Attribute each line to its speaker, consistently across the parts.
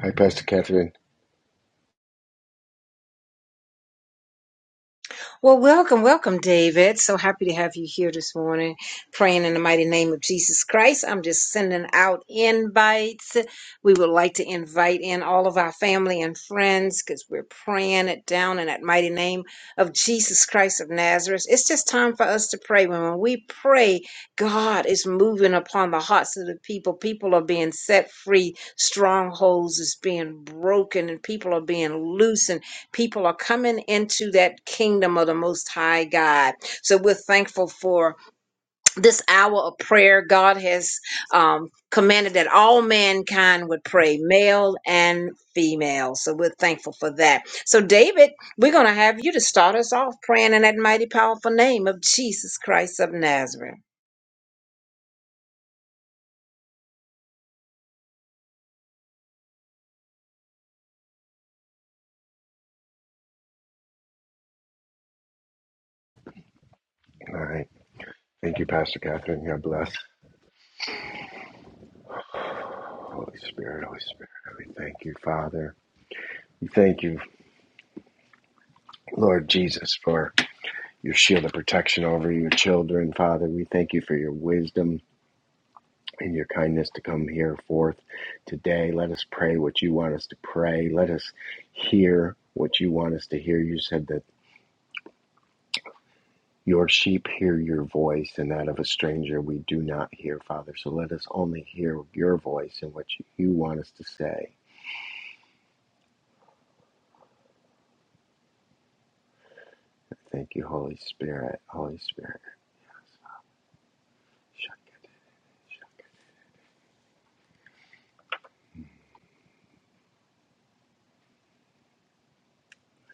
Speaker 1: Hi, Pastor Catherine.
Speaker 2: Well, welcome, welcome, David. So happy to have you here this morning, praying in the mighty name of Jesus Christ. I'm just sending out invites. We would like to invite in all of our family and friends because we're praying it down in that mighty name of Jesus Christ of Nazareth. It's just time for us to pray. When when we pray, God is moving upon the hearts of the people. People are being set free, strongholds is being broken, and people are being loosened people are coming into that kingdom of the most high god so we're thankful for this hour of prayer god has um, commanded that all mankind would pray male and female so we're thankful for that so david we're going to have you to start us off praying in that mighty powerful name of jesus christ of nazareth
Speaker 1: All right. Thank you, Pastor Catherine. God bless. Holy Spirit, Holy Spirit, we thank you, Father. We thank you, Lord Jesus, for your shield of protection over your children, Father. We thank you for your wisdom and your kindness to come here forth today. Let us pray what you want us to pray. Let us hear what you want us to hear. You said that. Your sheep hear your voice, and that of a stranger we do not hear, Father. So let us only hear your voice and what you want us to say. Thank you, Holy Spirit. Holy Spirit. I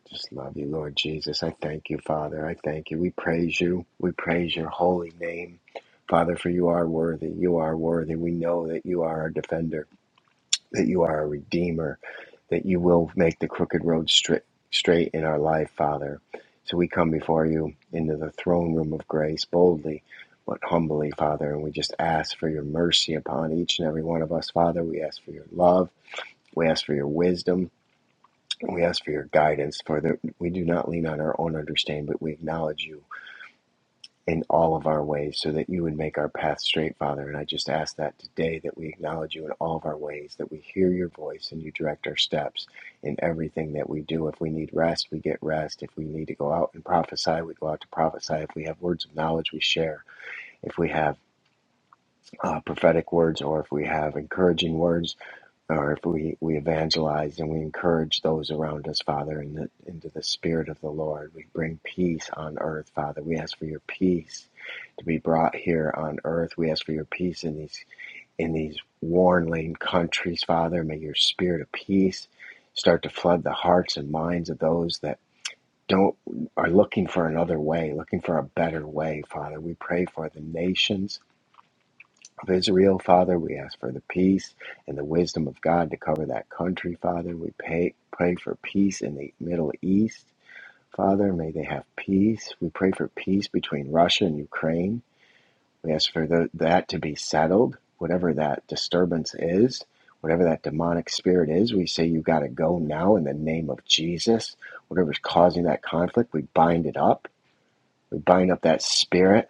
Speaker 1: just love you, Lord Jesus. I thank you, Father. I thank you. We praise you. We praise your holy name. Father, for you are worthy. You are worthy. We know that you are our defender. that you are a redeemer, that you will make the crooked road straight, straight in our life, Father. So we come before you into the throne room of grace boldly, but humbly, Father, and we just ask for your mercy upon each and every one of us, Father. We ask for your love, we ask for your wisdom, we ask for your guidance. For the, we do not lean on our own understanding, but we acknowledge you in all of our ways so that you would make our path straight, Father. And I just ask that today that we acknowledge you in all of our ways, that we hear your voice and you direct our steps in everything that we do. If we need rest, we get rest. If we need to go out and prophesy, we go out to prophesy. If we have words of knowledge, we share. If we have uh, prophetic words or if we have encouraging words, or if we, we evangelize and we encourage those around us, Father, in the, into the Spirit of the Lord. We bring peace on earth, Father. We ask for your peace to be brought here on earth. We ask for your peace in these in these war warring countries, Father. May your spirit of peace start to flood the hearts and minds of those that don't are looking for another way, looking for a better way, Father. We pray for the nations of Israel, Father. We ask for the peace and the wisdom of God to cover that country, Father. We pay, pray for peace in the Middle East, Father. May they have peace. We pray for peace between Russia and Ukraine. We ask for tho- that to be settled, whatever that disturbance is. Whatever that demonic spirit is, we say you got to go now in the name of Jesus. Whatever's causing that conflict, we bind it up. We bind up that spirit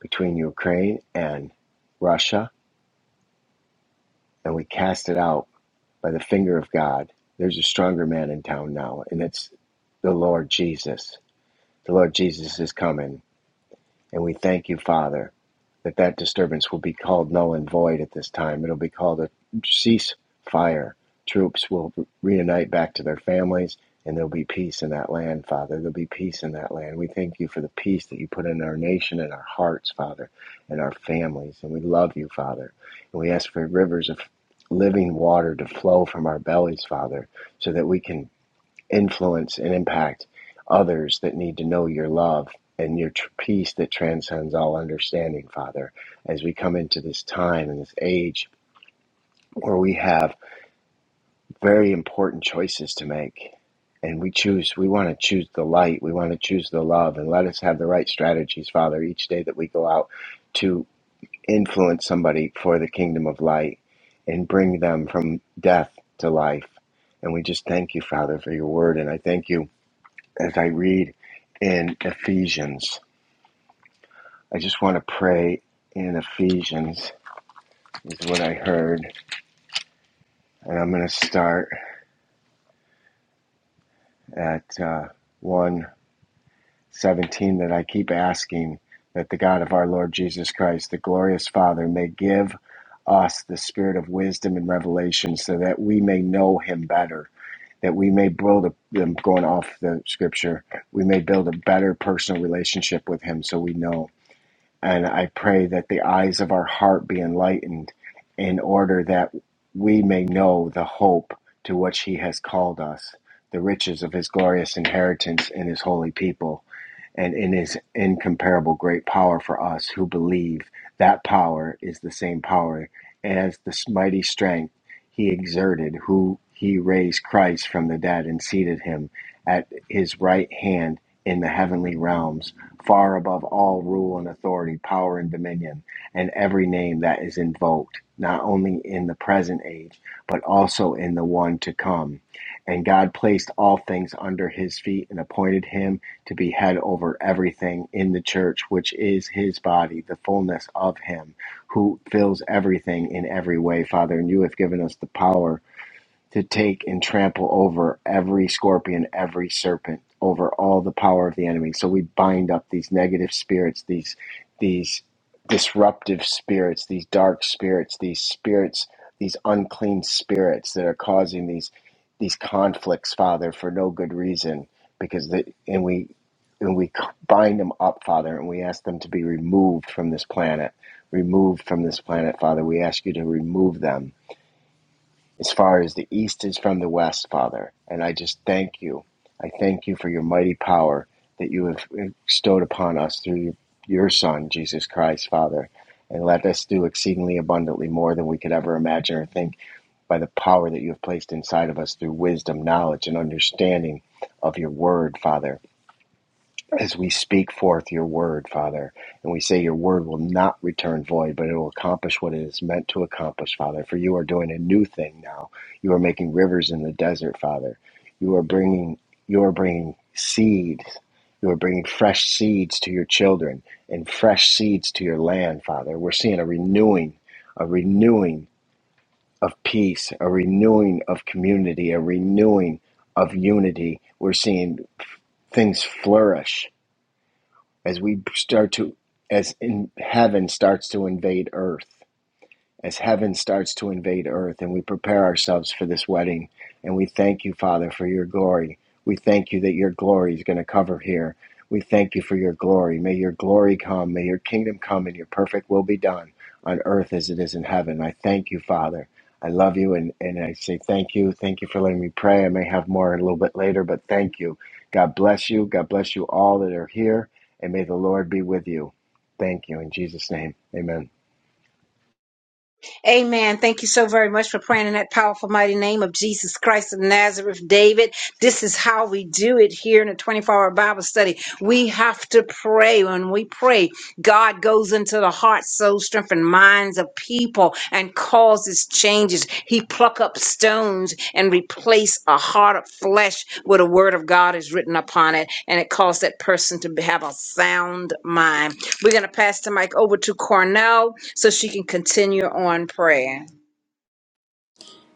Speaker 1: between Ukraine and Russia, and we cast it out by the finger of God. There's a stronger man in town now, and it's the Lord Jesus. The Lord Jesus is coming. And we thank you, Father, that that disturbance will be called null and void at this time. It'll be called a ceasefire. Troops will reunite back to their families, and there'll be peace in that land, Father. There'll be peace in that land. We thank you for the peace that you put in our nation and our hearts, Father, and our families. And we love you, Father. And we ask for rivers of living water to flow from our bellies, Father, so that we can influence and impact others that need to know your love and your peace that transcends all understanding, Father, as we come into this time and this age where we have very important choices to make. And we choose, we want to choose the light, we want to choose the love, and let us have the right strategies, Father, each day that we go out to influence somebody for the kingdom of light and bring them from death to life. And we just thank you, Father, for your word. And I thank you as I read in Ephesians. I just want to pray in Ephesians, is what I heard. And I'm going to start at uh, 1 seventeen, that I keep asking that the God of our Lord Jesus Christ, the glorious Father, may give us the spirit of wisdom and revelation so that we may know him better. That we may build a, I'm going off the scripture, we may build a better personal relationship with him so we know. And I pray that the eyes of our heart be enlightened in order that we may know the hope to which He has called us, the riches of His glorious inheritance in His holy people, and in His incomparable great power for us who believe. That power is the same power as the mighty strength He exerted, who He raised Christ from the dead and seated Him at His right hand in the heavenly realms far above all rule and authority, power and dominion, and every name that is invoked, not only in the present age, but also in the one to come. And God placed all things under his feet and appointed him to be head over everything in the church, which is his body, the fullness of him who fills everything in every way. Father, and you have given us the power to take and trample over every scorpion, every serpent, over all the power of the enemy. So we bind up these negative spirits, these these disruptive spirits, these dark spirits, these spirits, these unclean spirits that are causing these these conflicts, Father, for no good reason, because they, and we and we bind them up, Father, and we ask them to be removed from this planet, removed from this planet, Father. We ask you to remove them as far as the east is from the west, Father. And I just thank you. I thank you for your mighty power that you have bestowed upon us through your Son, Jesus Christ, Father. And let us do exceedingly abundantly more than we could ever imagine or think by the power that you have placed inside of us through wisdom, knowledge, and understanding of your word, Father as we speak forth your word, Father. And we say your word will not return void, but it will accomplish what it is meant to accomplish, Father. For you are doing a new thing now. You are making rivers in the desert, Father. You are bringing you are bringing seeds. You are bringing fresh seeds to your children and fresh seeds to your land, Father. We're seeing a renewing, a renewing of peace, a renewing of community, a renewing of unity. We're seeing things flourish as we start to as in heaven starts to invade earth as heaven starts to invade earth and we prepare ourselves for this wedding. And we thank you, Father, for your glory. We thank you that your glory is going to cover here. We thank you for your glory. May your glory come. May your kingdom come and your perfect will be done on earth as it is in heaven. I thank you, Father. I love you and, and I say thank you. Thank you for letting me pray. I may have more a little bit later, but thank you. God bless you. God bless you all that are here. And may the Lord be with you. Thank you. In Jesus' name, amen.
Speaker 2: Amen. Thank you so very much for praying in that powerful, mighty name of Jesus Christ of Nazareth, David. This is how we do it here in a 24 hour Bible study. We have to pray. When we pray, God goes into the hearts, soul, strength, and minds of people and causes changes. He pluck up stones and replace a heart of flesh where the word of God is written upon it. And it caused that person to have a sound mind. We're going to pass the mic over to Cornell so she can continue on praying.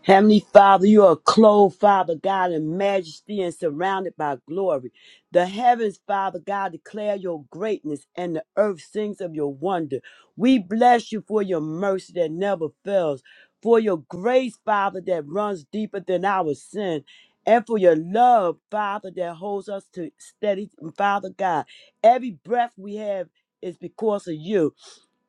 Speaker 3: Heavenly Father, you are clothed, Father God, in majesty and surrounded by glory. The heavens, Father God, declare your greatness, and the earth sings of your wonder. We bless you for your mercy that never fails, for your grace, Father, that runs deeper than our sin, and for your love, Father, that holds us to steady, Father God. Every breath we have is because of you.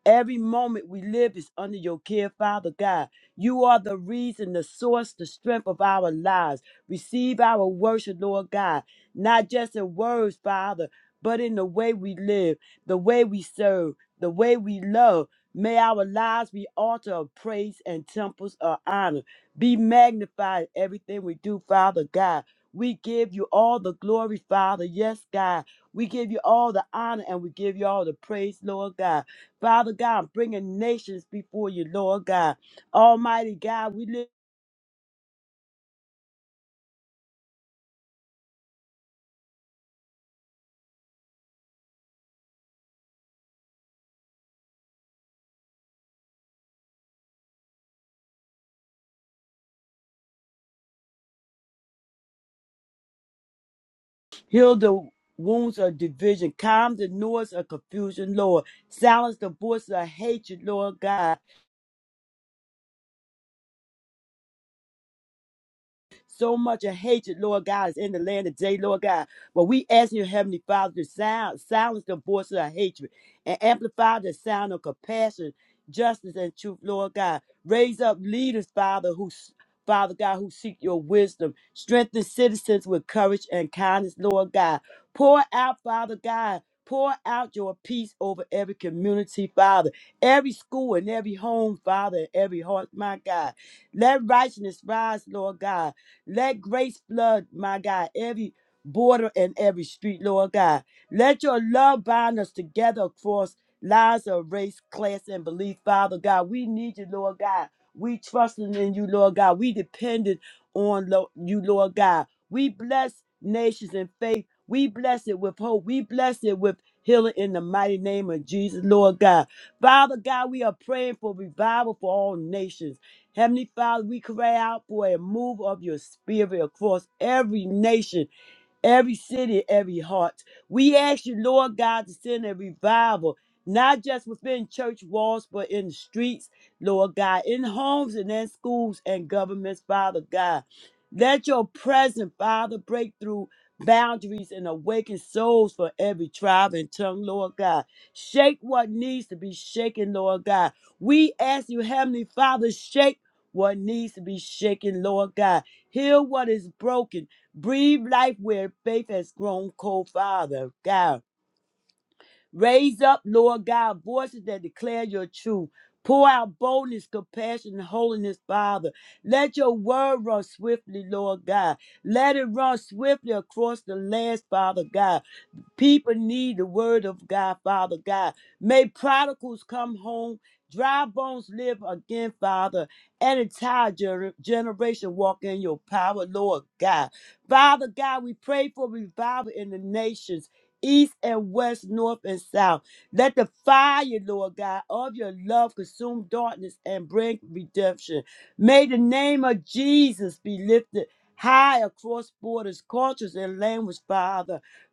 Speaker 3: Every moment we live is under your care, Father God. You are the reason, the source, the strength of our lives. Receive our worship, Lord God, not just in words, Father, but in the way we live, the way we serve, the way we love. May our lives be altar of praise and temples of honor. Be magnified in everything we do, Father God. We give you all the glory, Father. Yes, God. We give you all the honor and we give you all the praise, Lord God. Father God, I'm bringing nations before you, Lord God. Almighty God, we live, heal the wounds of division, calm the noise of confusion, Lord. Silence the voices of hatred, Lord God. So much of hatred, Lord God, is in the land today, Lord God. But we ask you, Heavenly Father, to sound, silence the voices of hatred and amplify the sound of compassion, justice, and truth, Lord God. Raise up leaders, Father, who Father God, who seek your wisdom. Strengthen citizens with courage and kindness, Lord God. Pour out, Father God, pour out your peace over every community, Father, every school and every home, Father, and every heart, my God. Let righteousness rise, Lord God. Let grace flood, my God, every border and every street, Lord God. Let your love bind us together across lives of race, class, and belief, Father God. We need you, Lord God. We trusting in you, Lord God. We dependent on lo- you, Lord God. We bless nations in faith. We bless it with hope. We bless it with healing in the mighty name of Jesus, Lord God. Father God, we are praying for revival for all nations. Heavenly Father, we cry out for a move of your spirit across every nation every city, every heart. We ask you, Lord God, to send a revival, not just within church walls, but in the streets, Lord God, in homes and in schools and governments, Father God. Let your presence, Father, break through boundaries and awaken souls for every tribe and tongue, Lord God. Shake what needs to be shaken, Lord God. We ask you, Heavenly Father, shake what needs to be shaken, Lord God. Heal what is broken. Breathe life where faith has grown cold, Father God. Raise up, Lord God, voices that declare your truth. Pour out boldness, compassion, and holiness, Father. Let your word run swiftly, Lord God. Let it run swiftly across the lands, Father God. People need the word of God, Father God. May prodigals come home, dry bones live again, Father, and entire gener- generation walk in your power, Lord God. Father God, we pray for revival in the nations, east and west, north and south. Let the fire, Lord God, of your love consume darkness and bring redemption. May the name of Jesus be lifted high across borders, cultures, and language, Father.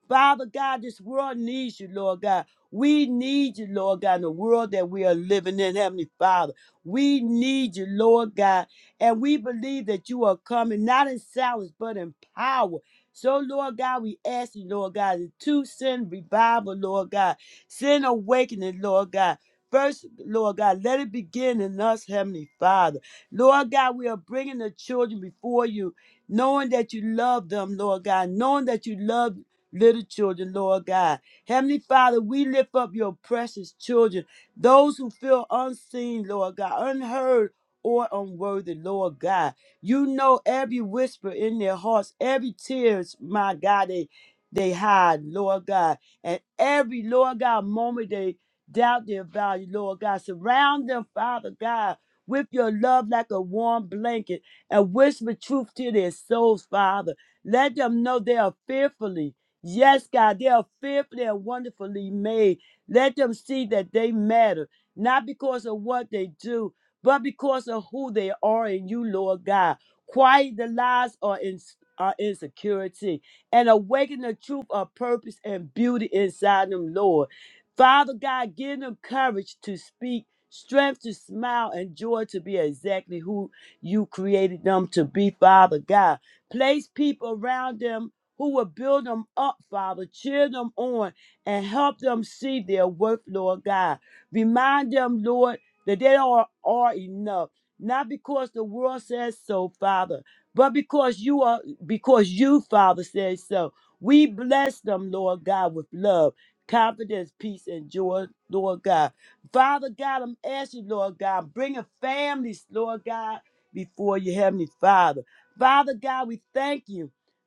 Speaker 3: Father God, this world needs you, Lord God. We need you, Lord God, in the world that we are living in, Heavenly Father. We need you, Lord God. And we believe that you are coming, not in silence, but in power. So, Lord God, we ask you, Lord God, to send revival, Lord God. Send awakening, Lord God. First, Lord God, let it begin in us, Heavenly Father. Lord God, we are bringing the children before you, knowing that you love them, Lord God, knowing that you love little children, Lord God. Heavenly Father, we lift up your precious children, those who feel unseen, Lord God, unheard or unworthy, Lord God. You know every whisper in their hearts, every tears, my God, they they hide, Lord God. And every Lord God moment they doubt their value, Lord God. Surround them, Father God, with your love like a warm blanket and whisper truth to their souls, Father. Let them know they are fearfully. Yes, God, they are fearfully and wonderfully made. Let them see that they matter, not because of what they do, but because of who they are in you, Lord God. Quiet the lies or in, or insecurity and awaken the truth of purpose and beauty inside them, Lord. Father God, give them courage to speak, strength to smile, and joy to be exactly who you created them to be, Father God. Place people around them who will build them up, Father, cheer them on, and help them see their worth, Lord God. Remind them, Lord, that they are, are enough, not because the world says so, Father, but because you are, because you, Father, says so. We bless them, Lord God, with love, confidence, peace, and joy, Lord God. Father God, I'm asking, Lord God, bringing families, Lord God, before you, Heavenly Father. Father God, we thank you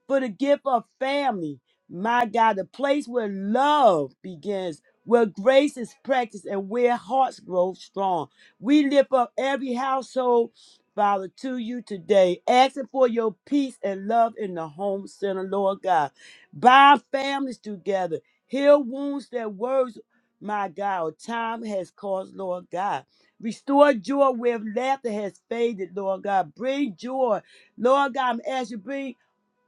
Speaker 3: for the gift of family. My God, the place where love begins, where grace is practiced, and where hearts grow strong. We lift up every household, Father, to you today, asking for your peace and love in the home center, Lord God. Bind families together, heal wounds that words, my God, or time has caused, Lord God. Restore joy where laughter has faded, Lord God. Bring joy Lord God, I'm asking you, bring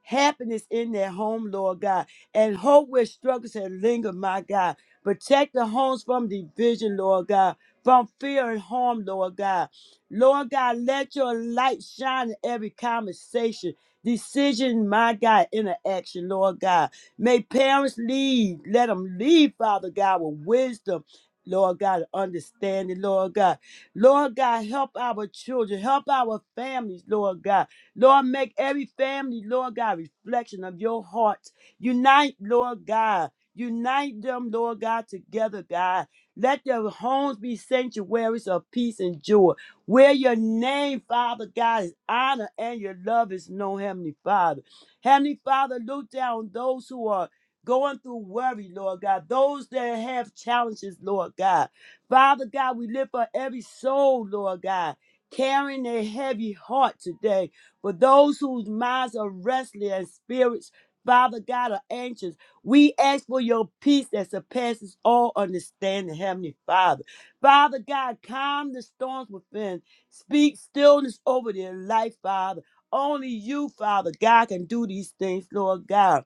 Speaker 3: happiness in their home, Lord God, and hope where struggles have lingered, my God. Protect the homes from division, Lord God, from fear and harm, Lord God. Lord God, let your light shine in every conversation, decision, my God, interaction, Lord God. May parents lead, let them lead, Father God, with wisdom. Lord God, and understanding, Lord God. Lord God, help our children, help our families, Lord God. Lord, make every family, Lord God, reflection of your heart. Unite, Lord God. Unite them, Lord God, together, God. Let their homes be sanctuaries of peace and joy, where your name, Father God, is honored and your love is known, Heavenly Father. Heavenly Father, look down on those who are going through worry, Lord God, those that have challenges, Lord God. Father God, we lift up every soul, Lord God, carrying a heavy heart today. For those whose minds are restless and spirits, Father God, are anxious, we ask for your peace that surpasses all understanding, Heavenly Father. Father God, calm the storms within. Speak stillness over their life, Father. Only you, Father God, can do these things, Lord God.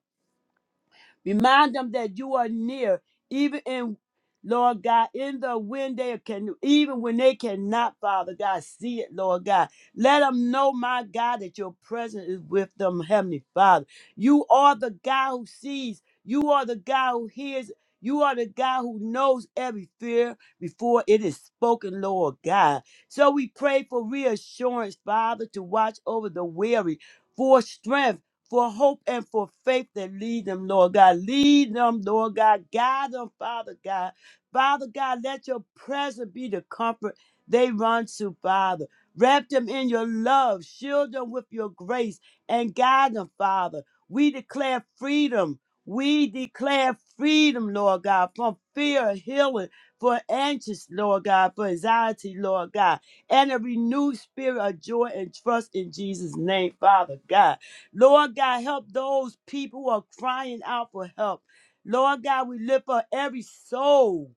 Speaker 3: Remind them that you are near, even in Lord God, in the when they can, even when they cannot, Father God, see it, Lord God. Let them know, my God, that your presence is with them, Heavenly Father. You are the God who sees. You are the God who hears. You are the God who knows every fear before it is spoken, Lord God. So we pray for reassurance, Father, to watch over the weary, for strength for hope and for faith that lead them, Lord God. Lead them, Lord God. Guide them, Father God. Father God, let your presence be the comfort they run to, Father. Wrap them in your love, shield them with your grace, and guide them, Father. We declare freedom. We declare freedom, Lord God, from fear, healing, for anxious, Lord God, for anxiety, Lord God, and a renewed spirit of joy and trust in Jesus' name, Father God. Lord God, help those people who are crying out for help. Lord God, we lift up every soul.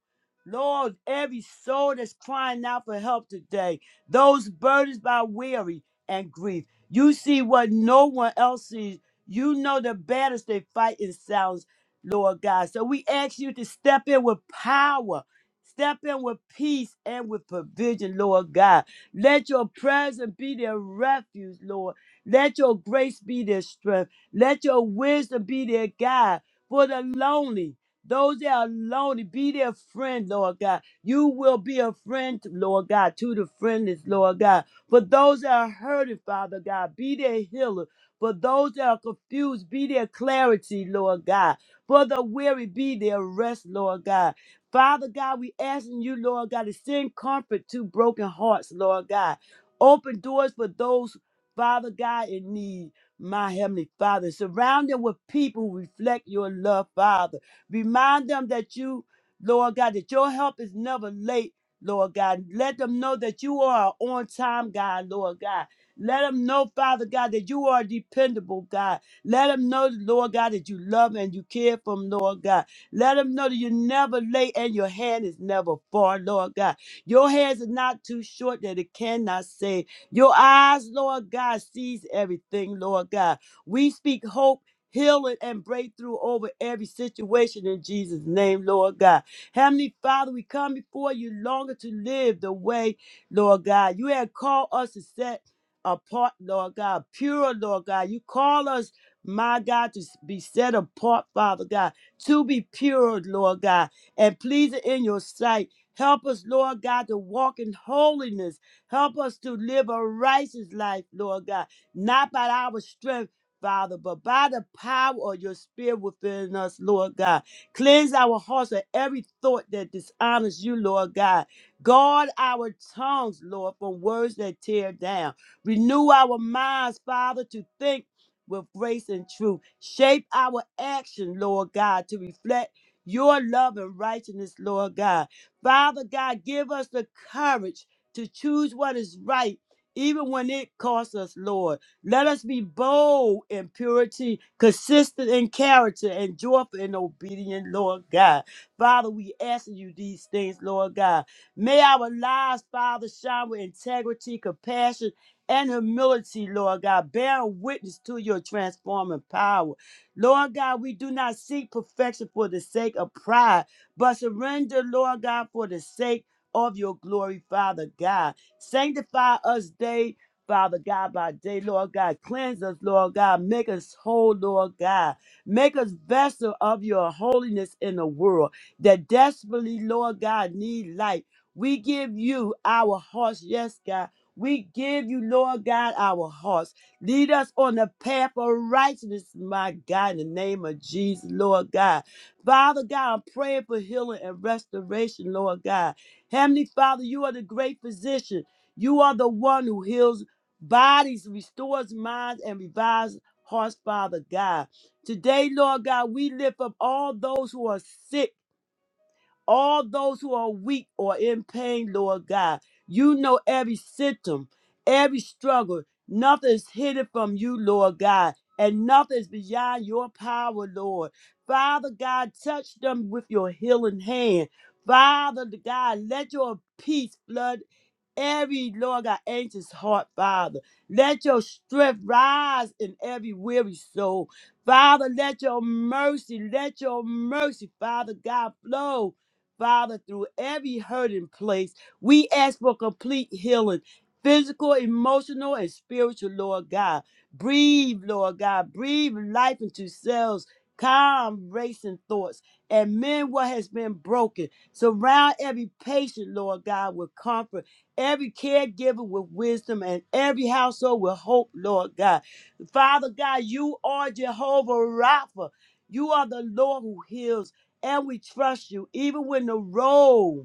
Speaker 3: Lord, every soul that's crying out for help today, those burdened by weary and grief. You see what no one else sees. You know the battles they fight in silence, Lord God. So we ask you to step in with power, step in with peace and with provision, Lord God. Let your presence be their refuge, Lord. Let your grace be their strength. Let your wisdom be their guide for the lonely. Those that are lonely, be their friend, Lord God. You will be a friend, Lord God, to the friendless, Lord God. For those that are hurting, Father God, be their healer. For those that are confused, be their clarity, Lord God. For the weary, be their rest, Lord God. Father God, we asking you, Lord God, to send comfort to broken hearts, Lord God. Open doors for those Father God in need, my Heavenly Father. Surround them with people who reflect your love, Father. Remind them that you, Lord God, that your help is never late, Lord God. Let them know that you are on time, God, Lord God. Let them know, Father God, that you are dependable, God. Let them know, Lord God, that you love and you care for them, Lord God. Let them know that you're never late and your hand is never far, Lord God. Your hands are not too short that it cannot save. Your eyes, Lord God, sees everything, Lord God. We speak hope. Healing and breakthrough over every situation in Jesus' name, Lord God. Heavenly Father, we come before you longer to live the way, Lord God. You have called us to set apart, Lord God, pure, Lord God. You call us, my God, to be set apart, Father God, to be pure, Lord God, and pleasing in your sight. Help us, Lord God, to walk in holiness Help us to live a righteous life, Lord God, not by our strength. Father, but by the power of your spirit within us, Lord God, cleanse our hearts of every thought that dishonors you, Lord God. Guard our tongues, Lord, from words that tear down. Renew our minds, Father, to think with grace and truth. Shape our action, Lord God, to reflect your love and righteousness, Lord God. Father God, give us the courage to choose what is right, even when it costs us, Lord. Let us be bold in purity, consistent in character, and joyful in obedience, Lord God. Father, we ask you these things, Lord God. May our lives, Father, shine with integrity, compassion, and humility, Lord God, bearing witness to your transforming power. Lord God, we do not seek perfection for the sake of pride, but surrender, Lord God, for the sake of your glory, Father God. Sanctify us day, Father God, by day, Lord God. Cleanse us, Lord God. Make us whole, Lord God. Make us vessel of your holiness in the world that desperately, Lord God, need light. We give you our hearts, yes, God. We give you, Lord God, our hearts. Lead us on the path of righteousness, my God, in the name of Jesus, Lord God. Father God, I'm praying for healing and restoration, Lord God. Heavenly Father, you are the great physician. You are the one who heals bodies, restores minds, and revives hearts, Father God. Today, Lord God, we lift up all those who are sick all those who are weak or in pain, Lord God. You know every symptom, every struggle. Nothing is hidden from you, Lord God, and nothing is beyond your power, Lord. Father God, touch them with your healing hand. Father God, let your peace flood every Lord God anxious heart, Father. Let your strength rise in every weary soul. Father, let your mercy, let your mercy, Father God, flow. Father, through every hurting place, we ask for complete healing, physical, emotional, and spiritual, Lord God. Breathe, Lord God. Breathe life into cells, calm racing thoughts, and mend what has been broken. Surround every patient, Lord God, with comfort every caregiver with wisdom, and every household with hope, Lord God. Father God, you are Jehovah Rapha. You are the Lord who heals, and we trust you, even when the road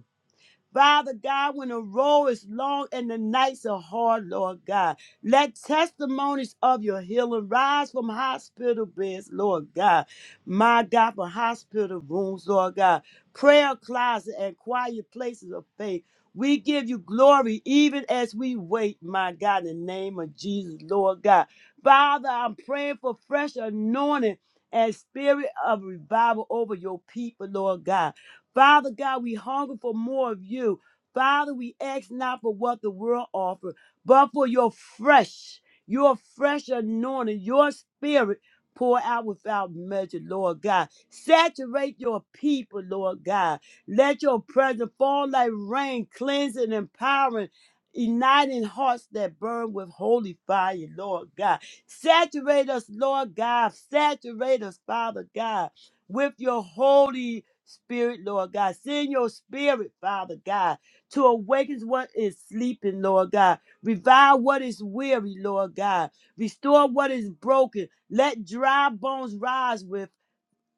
Speaker 3: Father God, when the road is long and the nights are hard, Lord God, let testimonies of your healing rise from hospital beds, Lord God. My God, from hospital rooms, Lord God, prayer closet and quiet places of faith. We give you glory even as we wait, my God, in the name of Jesus, Lord God. Father, I'm praying for fresh anointing and spirit of revival over your people, Lord God. Father God, we hunger for more of you. Father, we ask not for what the world offers, but for your fresh, your fresh anointing, your spirit pour out without measure, Lord God. Saturate your people, Lord God. Let your presence fall like rain, cleansing, empowering, igniting hearts that burn with holy fire, Lord God. Saturate us, Lord God. Saturate us, Father God with your Holy Spirit, Lord God. Send your spirit, Father God, to awaken what is sleeping, Lord God. Revive what is weary, Lord God. Restore what is broken. Let dry bones rise with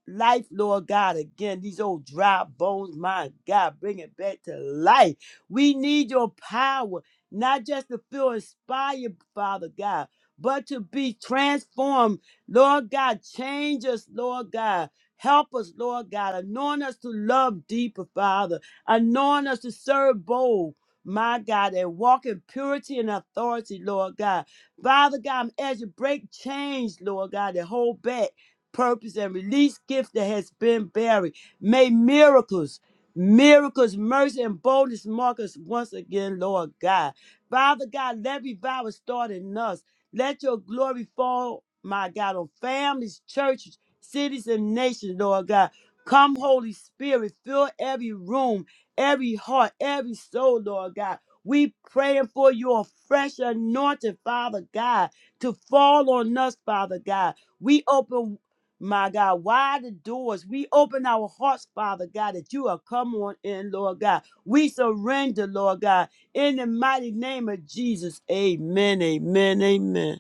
Speaker 3: life, Lord God, again. These old dry bones, my God, bring it back to life. We need your power, not just to feel inspired, Father God, but to be transformed. Lord God, change us, Lord God. Help us, Lord God. Anoint us to love deeper, Father. Anoint us to serve bold. My God, and walk in purity and authority, Lord God. Father God, as you break chains, Lord God, that hold back purpose and release gift that has been buried. May miracles, miracles, mercy, and boldness mark us once again, Lord God. Father God, let revival start in us. Let your glory fall, my God, on families, churches, cities, and nations, Lord God. Come, Holy Spirit, fill every room, every heart, every soul, Lord God. We praying for your fresh anointing, Father God, to fall on us, Father God. We open my God, wide the doors. We open our hearts, Father God, that you are come on in, Lord God. We surrender, Lord God, in the mighty name of Jesus. Amen, amen, amen.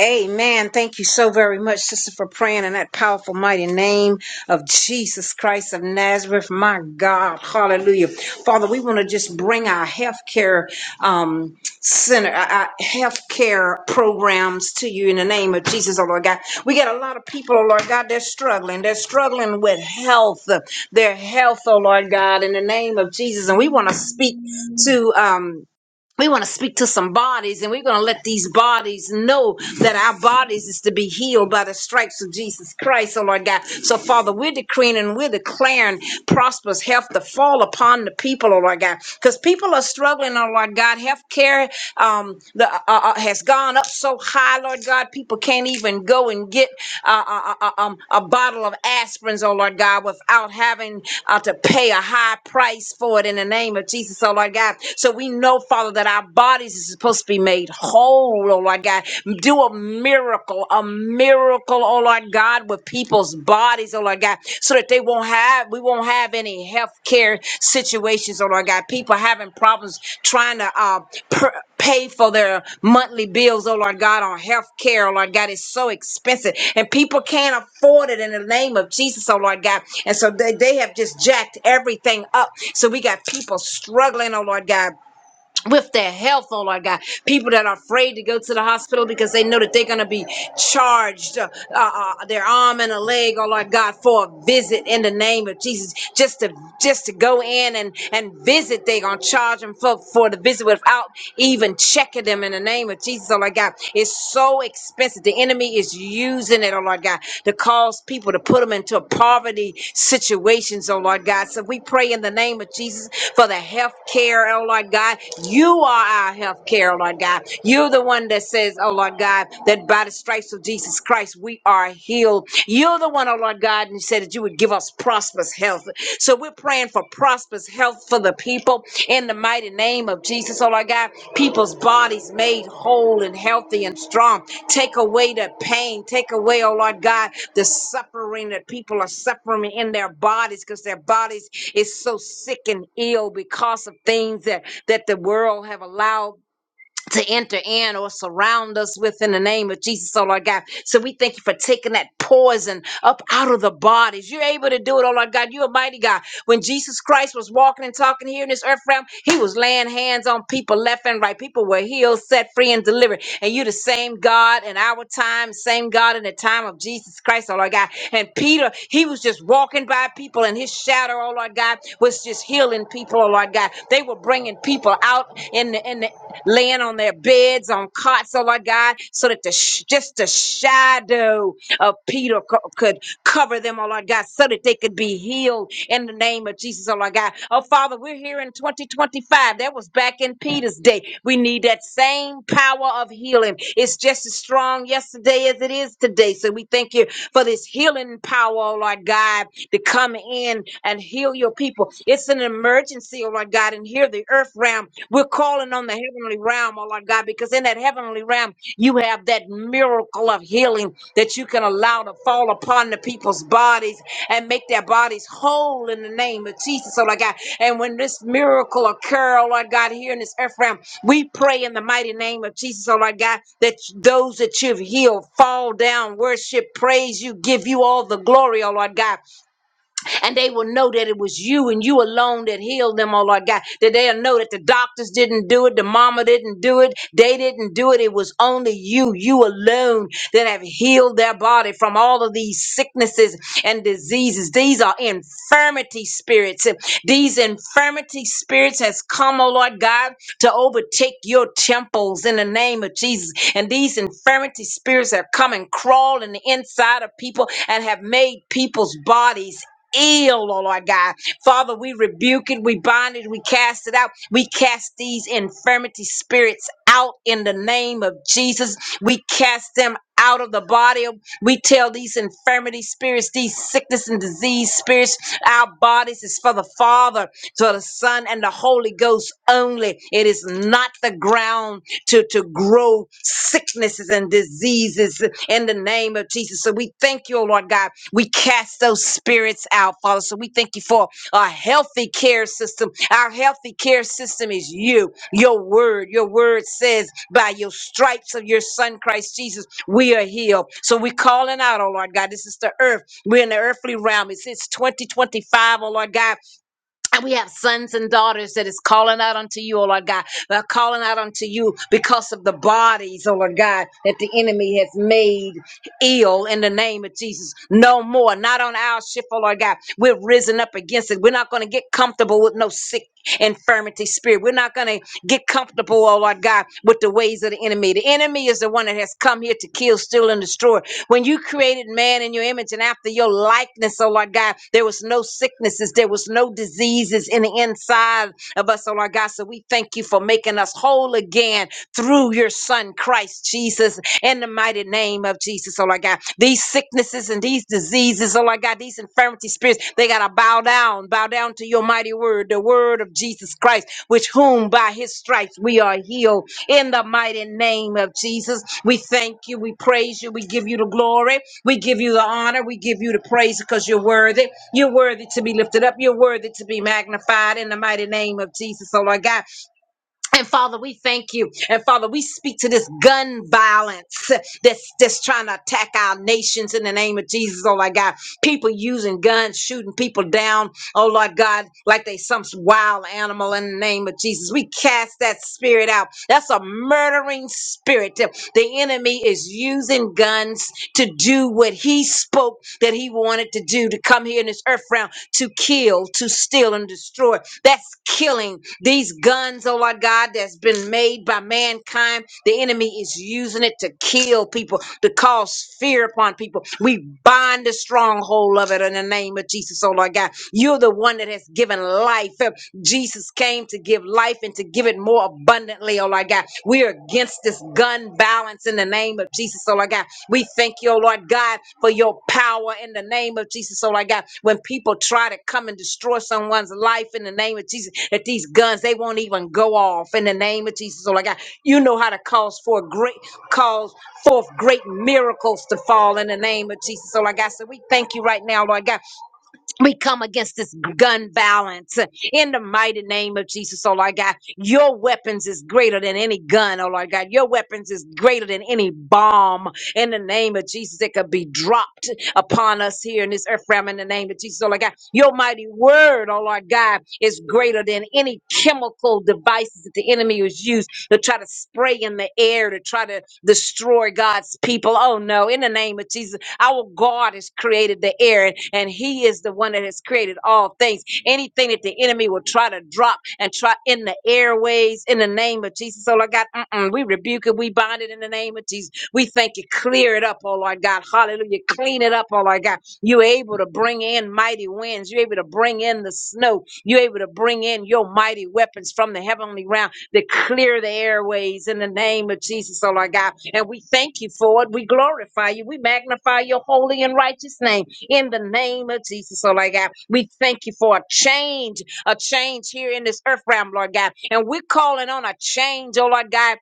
Speaker 2: Amen. Thank you so very much, sister, for praying in that powerful, mighty name of Jesus Christ of Nazareth. My God. Hallelujah. Father, we want to just bring our healthcare um, center, our our healthcare programs to you in the name of Jesus, oh Lord God. We got a lot of people, oh Lord God, they're struggling. They're struggling with health, their health, oh Lord God, in the name of Jesus. And we want to speak to, um, we want to speak to some bodies and we're going to let these bodies know that our bodies is to be healed by the stripes of Jesus Christ, oh Lord God. So, Father, we're decreeing and we're declaring prosperous health to fall upon the people, oh Lord God, because people are struggling, oh Lord God. Health care um, the, uh, uh, has gone up so high, Lord God, people can't even go and get uh, uh, uh, um, a bottle of aspirins, oh Lord God, without having uh, to pay a high price for it in the name of Jesus, oh Lord God. So we know, Father, that our bodies is supposed to be made whole, oh Lord God. Do a miracle, a miracle, oh Lord God, with people's bodies, oh Lord God, so that they won't have, we won't won't have any health care situations, oh Lord God. People having problems trying to uh, per- pay for their monthly bills, oh Lord God, on health care, oh Lord God. It's so expensive, and people can't afford it in the name of Jesus, oh Lord God. And so they, they have just jacked everything up. So we got people struggling, oh Lord God with their health, oh Lord God. People that are afraid to go to the hospital because they know that they're going to be charged uh, uh, uh, their arm and a leg, oh Lord God, for a visit in the name of Jesus. Just to just to go in and and visit, they're going to charge them for for the visit without even checking them in the name of Jesus, oh Lord God. It's so expensive. The enemy enemy is using it, oh Lord God, to cause people to put them into poverty situations, oh Lord God. So we pray in the name of Jesus for the health care, oh Lord God. You are our health care, oh Lord God. You're the one that says, oh Lord God, that by the stripes of Jesus Christ, we are healed. You're the one, oh Lord God, and you said that you would give us prosperous health. So we're praying for prosperous health for the people in the mighty name of Jesus. Oh, Lord God, people's bodies made whole and healthy and strong. Take away the pain. Take away, oh Lord God, the suffering that people are suffering in their bodies because their bodies is so sick and ill because of things that, that the world have allowed to enter in or surround us with in the name of Jesus, oh Lord God. So we thank you for taking that poison up out of the bodies. You're able to do it, oh Lord God. You're a mighty God. When Jesus Christ was walking and talking here in this earth realm, he was laying hands on people left and right. People were healed, set free, and delivered. And you are the same God in our time, same God in the time of Jesus Christ, oh Lord God. And Peter, he was just walking by people and his shadow, oh Lord God, was just healing people, oh Lord God. They were bringing people out in the in the laying on their beds, on cots, oh Lord God, so that the sh- just the shadow of Peter co- could cover them, oh Lord God, so that they could be healed in the name of Jesus, oh Lord God. Oh Father, we're here in 2025. That was back in Peter's day. We need that same true power of healing. It's just as strong yesterday as it is today. So we thank you for this healing power, oh Lord God, to come in and heal your people. It's an emergency, oh Lord God, and here the earth realm. We're calling on the heavenly realm, oh Lord God, because in that heavenly realm, you have that miracle of healing that you can allow to fall upon the people's bodies and make their bodies whole in the name of Jesus, oh Lord God. And when this miracle occur, oh Lord God, here in this earth realm, we pray in the mighty name of Jesus, oh Lord God, that those that you've healed fall down, worship, praise you, give you all the glory, oh Lord God and they will know that it was you and you alone that healed them, oh Lord God. That they'll know that the doctors didn't do it, the mama didn't do it, they didn't do it. It was only you, you alone that have healed their body from all of these sicknesses and diseases. These are infirmity spirits. These infirmity spirits has come, oh Lord God, to overtake your temples in the name of Jesus. And these infirmity spirits have come and crawled in the inside of people and have made people's bodies ill, oh Lord God. Father, we rebuke it, we bind it, we cast it out. We cast these infirmity spirits out in the name of Jesus. We cast them out of the body. We tell these infirmity spirits, these sickness and disease spirits, our bodies is for the Father, for the Son, and the Holy Ghost only. It is not the ground to, to grow sicknesses and diseases in the name of Jesus. So we thank you, oh Lord God we cast those spirits out, Father. So we thank you for a healthy care system. Our healthy care system is you, your word. Your word says, by your stripes of your son, Christ Jesus, we are healed. So we're calling out, oh Lord God, this is the earth. We're in the earthly realm. It's, it's 2025, oh Lord God. And we have sons and daughters that is calling out unto you, O Lord God. They're calling out unto you because of the bodies, O Lord God, that the enemy has made ill in the name of Jesus. No more. Not on our ship, O Lord God. We're risen up against it. We're not going to get comfortable with no sick infirmity spirit. We're not going to get comfortable, oh Lord God, with the ways of the enemy. The enemy is the one that has come here to kill, steal, and destroy. When you created man in your image and after your likeness, oh Lord God, there was no sicknesses, there was no diseases in the inside of us, oh Lord God. So we thank you for making us whole again through your Son, Christ Jesus, in the mighty name of Jesus, oh Lord God. These sicknesses and these diseases, oh Lord God, these infirmity spirits, they got to bow down, bow down to your mighty word, the word of Jesus Christ, which whom by his stripes we are healed in the mighty name of Jesus. We thank you. We praise you. We give you the glory. We give you the honor. We give you the praise because you're worthy. You're worthy to be lifted up. You're worthy to be magnified in the mighty name of Jesus. Oh, Lord God. And Father, we thank you. And Father, we speak to this gun violence that's that's trying to attack our nations in the name of Jesus, oh Lord God. People using guns, shooting people down, oh Lord God, like they some wild animal in the name of Jesus. We cast that spirit out. That's a murdering spirit. The the enemy is using guns to do what he spoke that he wanted to do to come here in this earth realm to kill, to steal, and destroy. That's killing. These guns, oh Lord God, that's been made by mankind, the enemy is using it to kill people, to cause fear upon people. We bind the stronghold of it in the name of Jesus, oh Lord God. You're the one that has given life. Jesus came to give life and to give it more abundantly, oh Lord God. We are against this gun balance in the name of Jesus, oh Lord God. We thank you, oh Lord God, for your power in the name of Jesus. Oh, Lord God, when people try to come and destroy someone's life in the name of Jesus, that these guns they won't even go off in the name of Jesus. Oh, Lord God, you know how to cause for great cause forth great miracles to fall in the name of Jesus. Oh, Lord God, so we thank you right now, Lord God we come against this gun violence uh, in the mighty name of Jesus, oh Lord God. Your weapons is greater than any gun, oh Lord God. Your weapons is greater than any bomb in the name of Jesus that could be dropped upon us here in this earth realm in the name of Jesus, oh Lord God. Your mighty word, oh Lord God, is greater than any chemical devices that the enemy has used to try to spray in the air to try to destroy God's people. Oh no, in the name of Jesus. Our God has created the air, and, and He is the one that has created all things. Anything that the enemy will try to drop and try in the airways in the name of Jesus, oh Lord God, mm-mm, we rebuke it, we bind it in the name of Jesus. We thank you, clear it up, oh Lord God, hallelujah, clean it up, oh Lord God. You're able to bring in mighty winds, you're able to bring in the snow, you're able to bring in your mighty weapons from the heavenly realm that clear the airways in the name of Jesus, oh Lord God. And we thank you for it. We glorify you. We magnify your holy and righteous name in the name of Jesus, oh Lord God. We thank you for a change, a change here in this earth realm, Lord God. And we're calling on a change, oh Lord God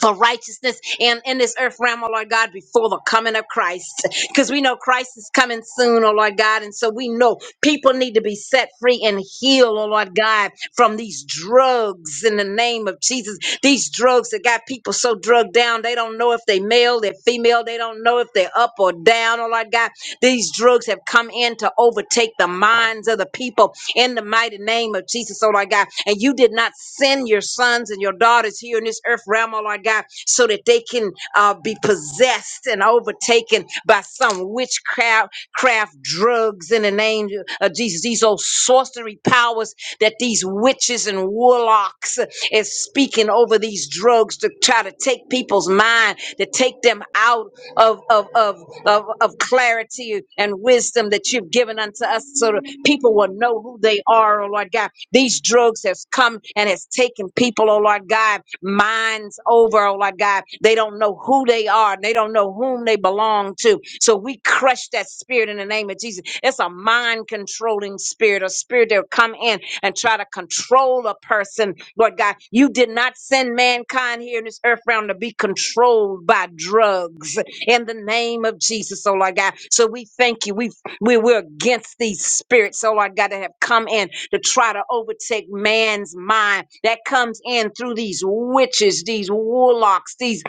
Speaker 2: for righteousness and in this earth realm, oh Lord God, before the coming of Christ. Because we know Christ is coming soon, oh Lord God. And so we know people need to be set free and healed, oh Lord God, from these drugs in the name of Jesus. These drugs that got people so drugged down, they don't know if they male, they're female, they don't know if they're up or down, oh Lord God. These drugs have come in to overtake the minds of the people in the mighty name of Jesus, oh Lord God. And you did not send your sons and your daughters here in this earth realm, oh Lord God, so that they can uh, be possessed and overtaken by some witchcraft, craft drugs in the name of Jesus. These old sorcery powers that these witches and warlocks is speaking over these drugs to try to take people's mind, to take them out of, of, of, of, of clarity and wisdom that you've given unto us so that people will know who they are, oh Lord God. These drugs has come and has taken people, oh Lord God, minds over, oh Lord God. They don't know who they are. and They don't know whom they belong to. So we crush that spirit in the name of Jesus. It's a mind controlling spirit, a spirit that will come in and try to control a person. Lord God, you did not send mankind here in this earth realm to be controlled by drugs in the name of Jesus, oh Lord God. So we thank you. We we we're against these spirits, oh Lord God, that have come in to try to overtake man's mind that comes in through these witches, these warlocks, these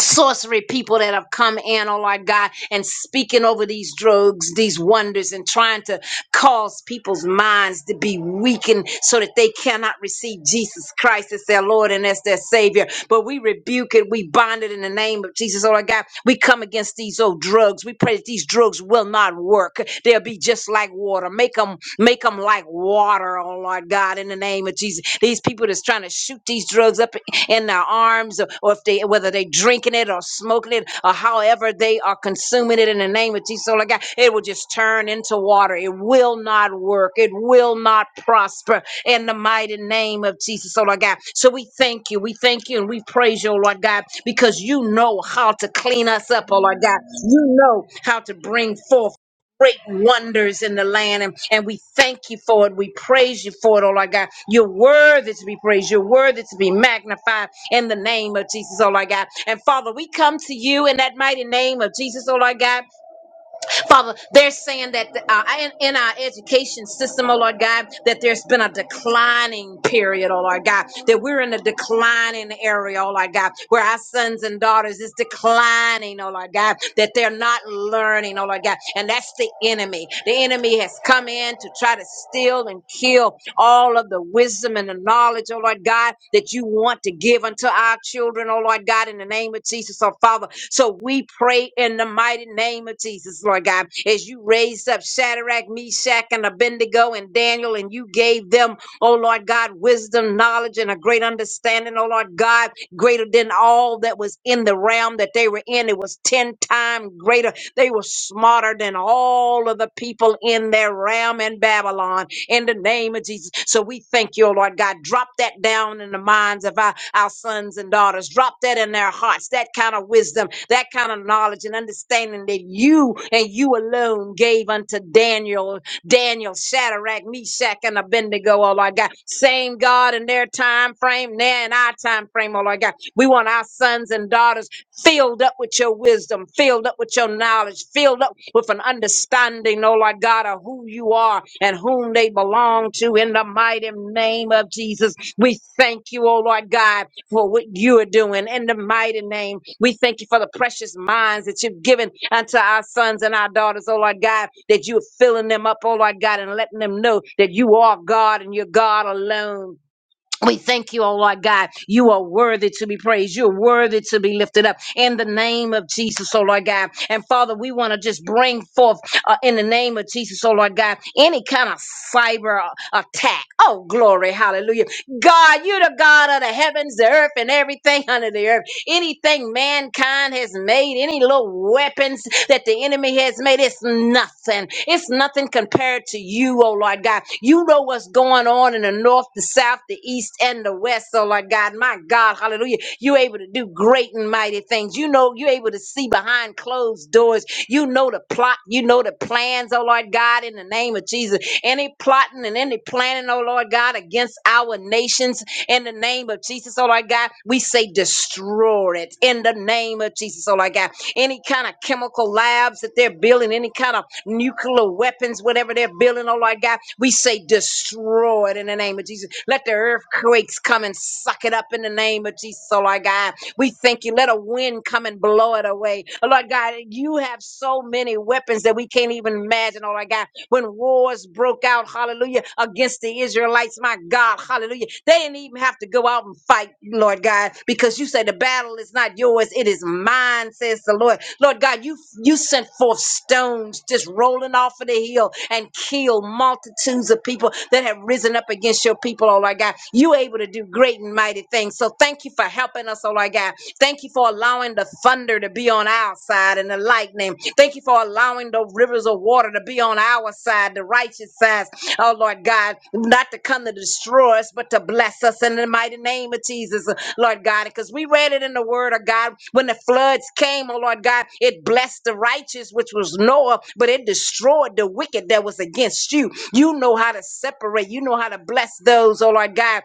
Speaker 2: sorcery people that have come in, oh Lord God, and speaking over these drugs, these wonders, and trying to cause people's minds to be weakened so that they cannot receive Jesus Christ as their Lord and as their Savior. But we rebuke it, we bind it in the name of Jesus, oh Lord God. We come against these old drugs. We pray that these drugs will not work. They'll be just like water. Make them, make them like water, oh Lord God, in the name of Jesus. These people that's trying to shoot these drugs up in their arms or, or if they whether they drinking it or smoking it or however they are consuming it in the name of Jesus so like God it will just turn into water it will not work it will not prosper in the mighty name of Jesus so Lord God so we thank you we thank you and we praise you oh Lord God because you know how to clean us up oh Lord God you know how to bring forth great wonders in the land. And, and we thank you for it. We praise you for it, oh Lord God. You're worthy to be praised. You're worthy to be magnified in the name of Jesus, oh Lord God. And Father, we come to you in that mighty name of Jesus, oh Lord God. Father, they're saying that uh, in, in our education system, oh Lord God, that there's been a declining period, oh Lord God, that we're in a declining area, oh Lord God, where our sons and daughters is declining, oh Lord God, that they're not learning, oh Lord God, and that's the enemy. The enemy has come in to try to steal and kill all of the wisdom and the knowledge, oh Lord God, that you want to give unto our children, oh Lord God, in the name of Jesus, oh Father. So we pray in the mighty name of Jesus, Lord God, as you raised up Shadrach, Meshach, and Abednego and Daniel, and you gave them, oh Lord God, wisdom, knowledge, and a great understanding, oh Lord God, greater than all that was in the realm that they were in. It was 10 times greater. They were smarter than all of the people in their realm in Babylon in the name of Jesus. So we thank you, oh Lord God. Drop that down in the minds of our, our sons and daughters. Drop that in their hearts, that kind of wisdom, that kind of knowledge and understanding that you and you alone gave unto Daniel, Daniel, Shadrach, Meshach, and Abednego, oh Lord God. Same God in their time frame, now in our time frame, oh Lord God. We want our sons and daughters filled up with your wisdom, filled up with your knowledge, filled up with an understanding, oh Lord God, of who you are and whom they belong to in the mighty name of Jesus. We thank you, oh Lord God, for what you are doing in the mighty name. We thank you for the precious minds that you've given unto our sons and our daughters, oh Lord God, that you're filling them up, oh Lord God, and letting them know that you are God and you're God alone. We thank you, oh Lord God. You are worthy to be praised. You're worthy to be lifted up in the name of Jesus, oh Lord God. And Father, we want to just bring forth uh, in the name of Jesus, oh Lord God, any kind of cyber uh, attack. Oh, glory, hallelujah. God, you're the God of the heavens, the earth, and everything under the earth. Anything mankind has made, any little weapons that the enemy has made, it's nothing. It's nothing compared to you, oh Lord God. You know what's going on in the north, the south, the east, and the west, oh Lord God. My God, hallelujah. You're able to do great and mighty things. You know, you're able to see behind closed doors. You know the plot, you know the plans, oh Lord God, in the name of Jesus. Any plotting and any planning, oh Lord God, against our nations, in the name of Jesus, oh Lord God. We say destroy it in the name of Jesus, oh Lord God. Any kind of chemical labs that they're building, any kind of nuclear weapons, whatever they're building, oh Lord God, we say destroy it in the name of Jesus. Let the earthquakes come and suck it up in the name of Jesus, oh Lord God. We thank you. Let a wind come and blow it away. Oh Lord God, you have so many weapons that we can't even imagine, oh Lord God when wars broke out, hallelujah, against the Israelites, my God, hallelujah. They didn't even have to go out and fight, Lord God, because you say the battle is not yours, it is mine, says the Lord. Lord God, you you sent forth stones just rolling off of the hill and killed multitudes of people that have risen up against your people, oh Lord God. You able to do great and mighty things. So thank you for helping us, oh Lord God. Thank you for allowing the thunder to be on our side and the lightning. Thank you for allowing the rivers of water to be on our side, the righteous side. Oh, Lord God, not to come to destroy us, but to bless us in the mighty name of Jesus, Lord God. Because we read it in the word of God. When the floods came, oh, Lord God, it blessed the righteous, which was Noah, but it destroyed the wicked that was against you. You know how to separate. You know how to bless those, oh, Lord God,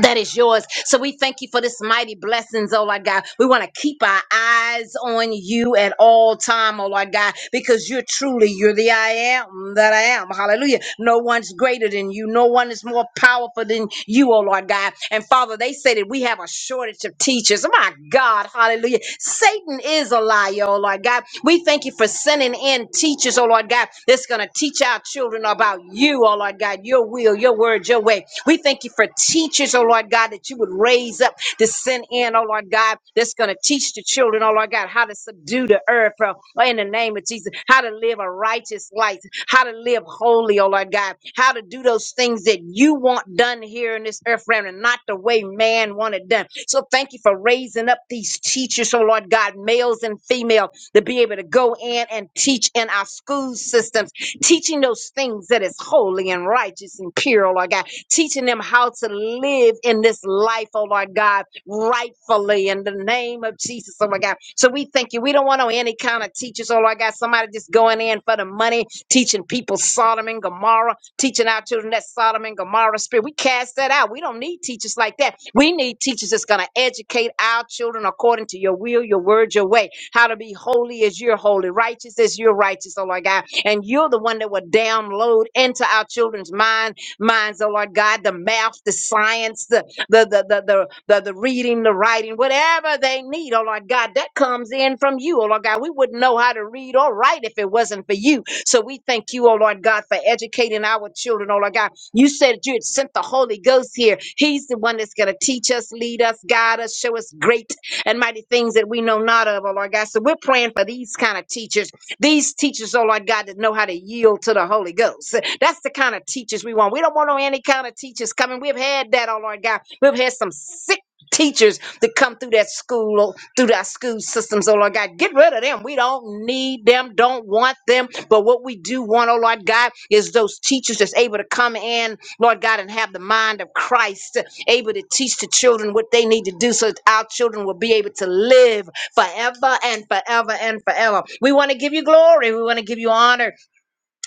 Speaker 2: that is yours. So we thank you for this mighty blessings, oh Lord God. We want to keep our eyes on you at all time, oh Lord God, because you're truly you're the I am that I am. Hallelujah. No one's greater than you. No one is more powerful than you, oh Lord God. And Father, Father, they say that we have a shortage of teachers. My God, hallelujah. Satan is a liar, oh Lord God. We thank you for sending in teachers, oh Lord God, that's going to teach our children about you, oh Lord God, your will, your word, your way. We thank you for teachers, oh Lord God, that you would raise up to send in, oh Lord God, that's going to teach the children, oh Lord God, how to subdue the earth, oh, in the name of Jesus, how to live a righteous life, how to live holy, oh Lord God, how to do those things that you want done here in this earth realm and not the way man want it done. So thank you for raising up these teachers, oh Lord God, males and female, to be able to go in and teach in our school systems, teaching those things that is holy and righteous and pure, oh Lord God, teaching them how to live in this life, oh Lord God, rightfully in the name of Jesus, oh my God. So we thank you. We don't want no any kind of teachers, oh Lord God, somebody just going in for the money teaching people Sodom and Gomorrah, teaching our children that Sodom and Gomorrah spirit. We cast that out. We don't need teachers like that. We need teachers that's going to educate our children according to your will, your word, your way, how to be holy as you're holy, righteous as you're righteous, oh Lord God. And you're the one that will download into our children's mind, minds, oh Lord God, the math, the science, the the the the the, the, the reading, the writing, whatever they need, oh Lord God, that comes in from you, oh Lord God. We wouldn't know how to read or write if it wasn't for you. So we thank you, oh Lord God, for educating our children, oh Lord God. You said you had sent the Holy Ghost here. He's the one that's going to teach us, lead us, guide us, show us great and mighty things that we know not of, oh Lord God. So we're praying for these kind of teachers, these teachers, oh Lord God, that know how to yield to the Holy Ghost. That's the kind of teachers we want. We don't want no any kind of teachers coming. We've had that, oh Lord God. We've had some sick. Teachers that come through that school, oh, through that school systems, oh Lord God. Get rid of them. We don't need them, don't want them. But what we do want, oh Lord God, is those teachers that's able to come in, Lord God, and have the mind of Christ, able to teach the children what they need to do so that our children will be able to live forever and forever and forever. We want to give you glory. We want to give you honor.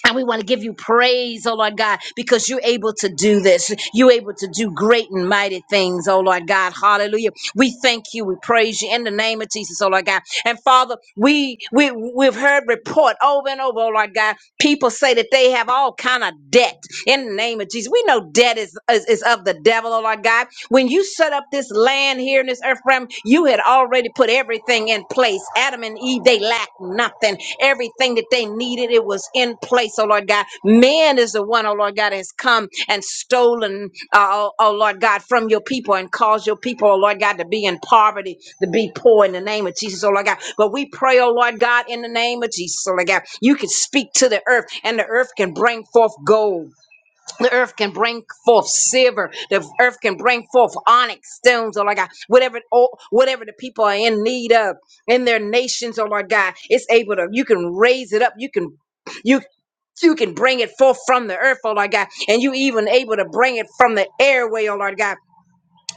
Speaker 2: And we want to give you praise, oh Lord God, because you're able to do this. You're able to do great and mighty things, oh Lord God. Hallelujah. We thank you. We praise you in the name of Jesus, oh Lord God. And Father, we, we we've heard report over and over, oh Lord God. People say that they have all kind of debt in the name of Jesus. We know debt is, is, is of the devil, oh Lord God. When you set up this land here in this earth realm, you had already put everything in place. Adam and Eve, they lacked nothing. Everything that they needed, it was in place, oh Lord God. Man is the one, oh Lord God, that has come and stolen, uh, oh, oh Lord God, from your people and caused your people, oh Lord God, to be in poverty, to be poor in the name of Jesus, oh Lord God. But we pray, oh Lord God, in the name of Jesus, oh Lord God, you can speak to the earth and the earth can bring forth gold the earth can bring forth silver. The earth can bring forth onyx stones, or like God, whatever, oh, whatever the people are in need of in their nations, Oh, like God, it's able to. You can raise it up. You can, you. You can bring it forth from the earth, oh Lord God, and you even able to bring it from the airway, oh Lord God.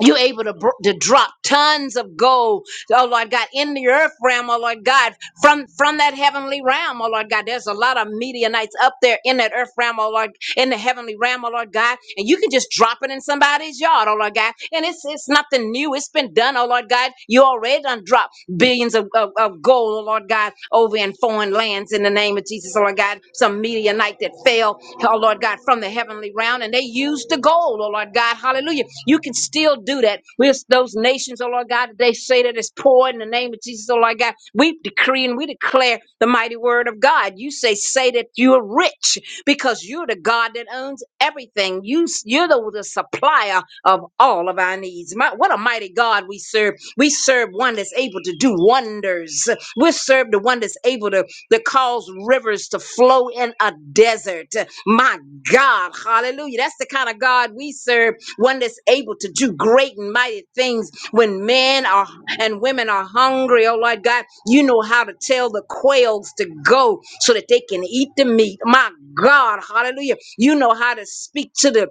Speaker 2: You're able to, br- to drop tons of gold, oh Lord God, in the earth realm, oh Lord God, from from that heavenly realm, oh Lord God. There's a lot of Midianites up there in that earth realm, oh Lord, in the heavenly realm, oh Lord God, and you can just drop it in somebody's yard, oh Lord God, and it's it's nothing new. It's been done, oh Lord God. You already done drop billions of, of, of gold, oh Lord God, over in foreign lands in the name of Jesus, oh Lord God. Some Midianite that fell, oh Lord God, from the heavenly realm, and they used the gold, oh Lord God, hallelujah. You can still do that with those nations, oh Lord God, that they say that it's poor in the name of Jesus, oh Lord God. We decree and we declare the mighty word of God. You say, say that you are rich because you're the God that owns everything. You, you're the, the supplier of all of our needs. My, what a mighty God we serve we serve one that's able to do wonders. We serve the one that's able to, to cause rivers to flow in a desert. My God, hallelujah. That's the kind of God we serve, one that's able to do great and mighty things when men are and women are hungry. Oh Lord God, you know how to tell the quails to go so that they can eat the meat. My God, hallelujah. You know how to speak to the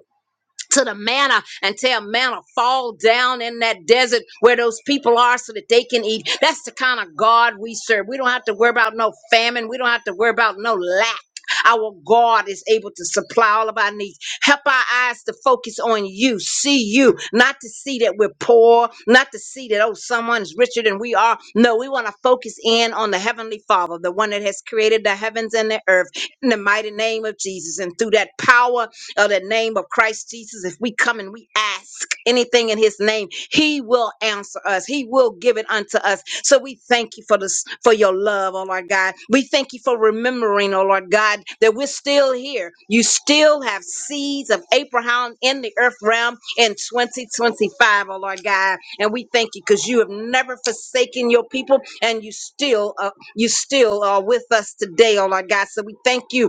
Speaker 2: to the manna and tell manna fall down in that desert where those people are so that they can eat. That's the kind of God we serve. We don't have to worry about no famine. We don't have to worry about no lack. Our God is able to supply all of our needs. Help our eyes to focus on you, see you, not to see that we're poor, not to see that, oh, someone's richer than we are. No, we want to focus in on the Heavenly Father, the one that has created the heavens and the earth in the mighty name of Jesus. And through that power of the name of Christ Jesus, if we come and we ask anything in his name, he will answer us. He will give it unto us. So we thank you for this, for your love, oh Lord God. We thank you for remembering, oh Lord God, that we're still here. You still have seeds of Abraham in the earth realm in 2025, O Lord God. And we thank you because you have never forsaken your people and you still, uh, you still are with us today, oh Lord God. So we thank you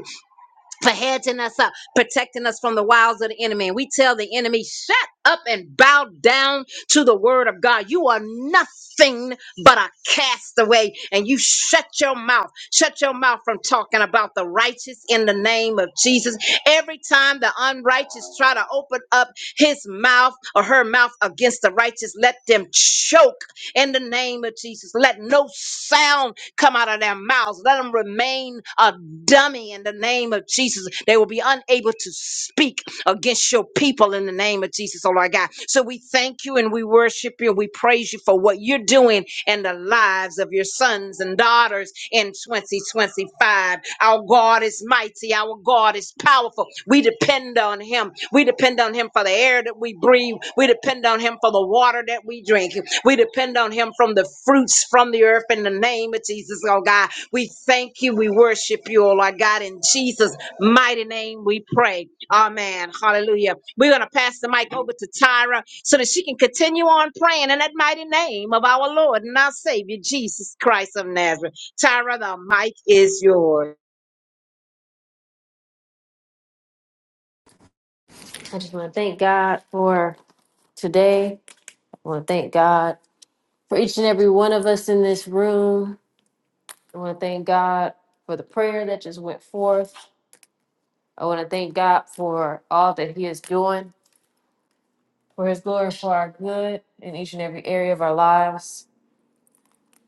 Speaker 2: for hedging us up, protecting us from the wiles of the enemy. And we tell the enemy, shut up and bow down to the word of God. You are nothing but a castaway. And you shut your mouth. Shut your mouth from talking about the righteous in the name of Jesus. Every time the unrighteous try to open up his mouth or her mouth against the righteous, let them choke in the name of Jesus. Let no sound come out of their mouths. Let them remain a dummy in the name of Jesus. They will be unable to speak against your people in the name of Jesus, oh Lord God. So we thank you and we worship you and we praise you for what you're doing in the lives of your sons and daughters in 2025. Our God is mighty, our God is powerful. We depend on him. We depend on him for the air that we breathe. We depend on him for the water that we drink. We depend on him from the fruits from the earth in the name of Jesus, oh God. We thank you. We worship you, oh Lord God. In Jesus' mighty name we pray. Amen. Hallelujah. We're going to pass the mic over to Tyra so that she can continue on praying in that mighty name of our Lord and our Savior, Jesus Christ of Nazareth. Tyra, the mic is yours.
Speaker 4: I just want to thank God for today. I want to thank God for each and every one of us in this room. I want to thank God for the prayer that just went forth. I want to thank God for all that He is doing for His glory, for our good in each and every area of our lives.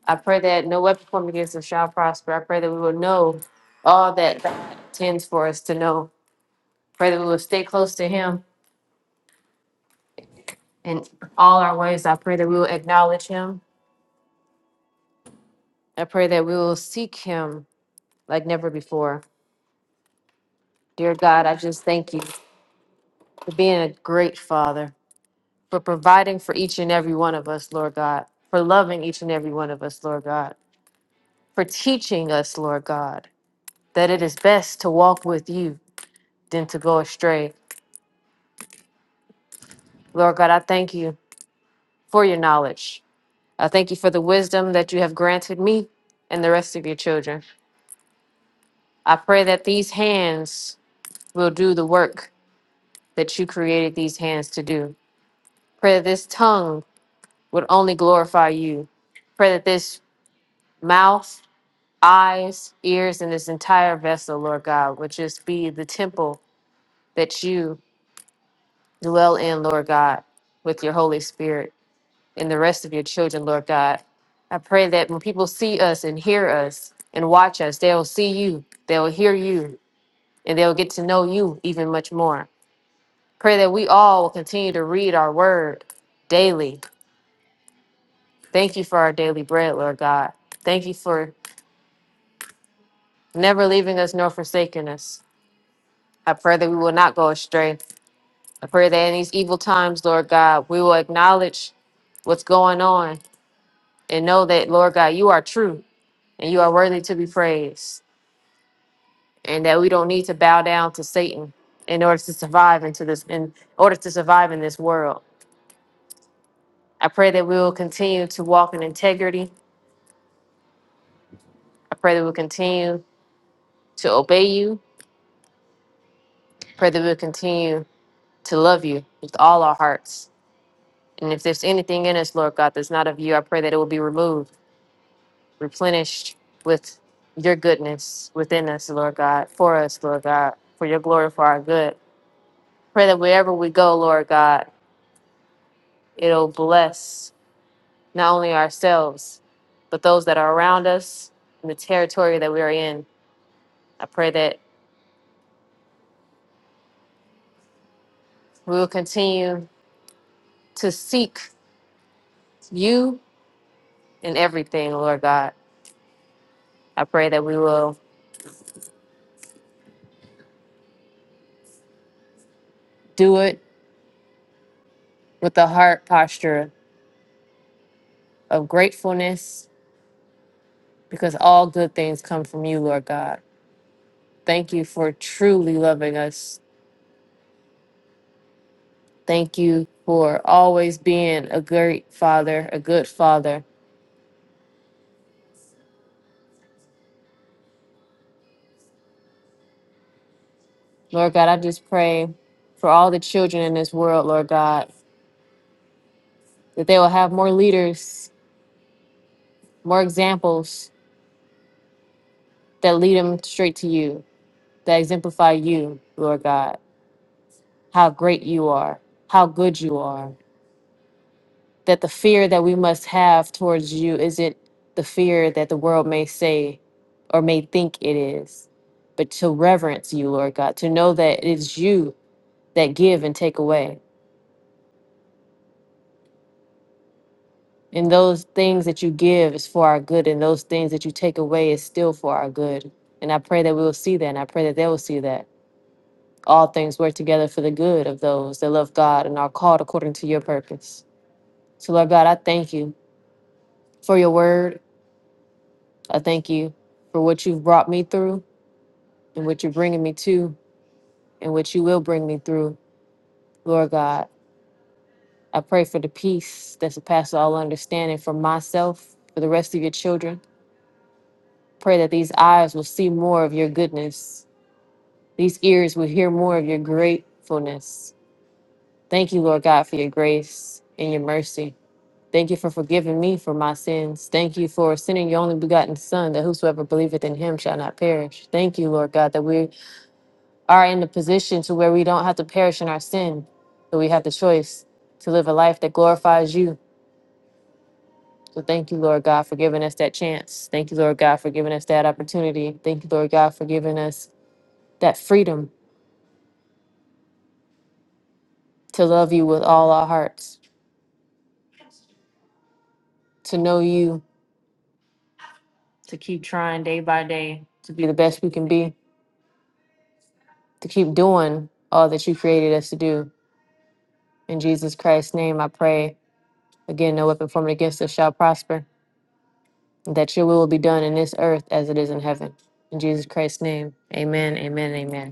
Speaker 4: I pray that no weapon formed against us shall prosper. I pray that we will know all that God intends for us to know. Pray that we will stay close to Him in all our ways. I pray that we will acknowledge Him. I pray that we will seek Him like never before. Dear God, I just thank you for being a great father, for providing for each and every one of us, Lord God, for loving each and every one of us, Lord God, for teaching us, Lord God, that it is best to walk with you than to go astray. Lord God, I thank you for your knowledge. I thank you for the wisdom that you have granted me and the rest of your children. I pray that these hands will do the work that you created these hands to do. Pray that this tongue would only glorify you. Pray that this mouth, eyes, ears, and this entire vessel, Lord God, would just be the temple that you dwell in, Lord God, with your Holy Spirit and the rest of your children, Lord God. I pray that when people see us and hear us and watch us, they'll see you, they'll hear you, and they'll get to know you even much more. Pray that we all will continue to read our word daily. Thank you for our daily bread, Lord God. Thank you for never leaving us nor forsaking us. I pray that we will not go astray. I pray that in these evil times, Lord God, we will acknowledge what's going on and know that, Lord God, you are true and you are worthy to be praised, and that we don't need to bow down to Satan in order to survive into this in order to survive in this world. I pray that we will continue to walk in integrity. I pray that we'll continue to obey you. I pray that we'll continue to love you with all our hearts And if there's anything in us, Lord God, that's not of you, I pray that it will be removed, replenished with your goodness within us, Lord God, for us, Lord God, for your glory, for our good. Pray that wherever we go, Lord God, it'll bless not only ourselves, but those that are around us and the territory that we are in. I pray that we will continue to seek you in everything, Lord God. I pray that we will do it with the heart posture of gratefulness because all good things come from you, Lord God. Thank you for truly loving us. Thank you for always being a great father, a good father. Lord God, I just pray for all the children in this world, Lord God, that they will have more leaders, more examples that lead them straight to you, that exemplify you, Lord God, how great you are, how good you are. that the fear that we must have towards you isn't the fear that the world may say or may think it is, but to reverence you, Lord God, to know that it is you that give and take away. And those things that you give is for our good, and those things that you take away is still for our good. And I pray that we will see that, and I pray that they will see that. All things work together for the good of those that love God and are called according to your purpose. So, Lord God, I thank you for your word. I thank you for what you've brought me through. and what you're bringing me to and what you will bring me through, Lord God. I pray for the peace that surpasses all understanding for myself, for the rest of your children. Pray that these eyes will see more of your goodness, these ears will hear more of your gratefulness. Thank you, Lord God, for your grace and your mercy. Thank you for forgiving me for my sins. Thank you for sending your only begotten Son, that whosoever believeth in him shall not perish. Thank you, Lord God, that we are in the position to where we don't have to perish in our sin, but we have the choice to live a life that glorifies you. So thank you, Lord God, for giving us that chance. Thank you, Lord God, for giving us that opportunity. Thank you, Lord God, for giving us that freedom to love you with all our hearts, to know you, to keep trying day by day to be the best we can be, to keep doing all that you created us to do. In Jesus Christ's name, I pray. Again, no weapon formed against us shall prosper. that your will be done in this earth as it is in heaven. In Jesus Christ's name, amen, amen, amen.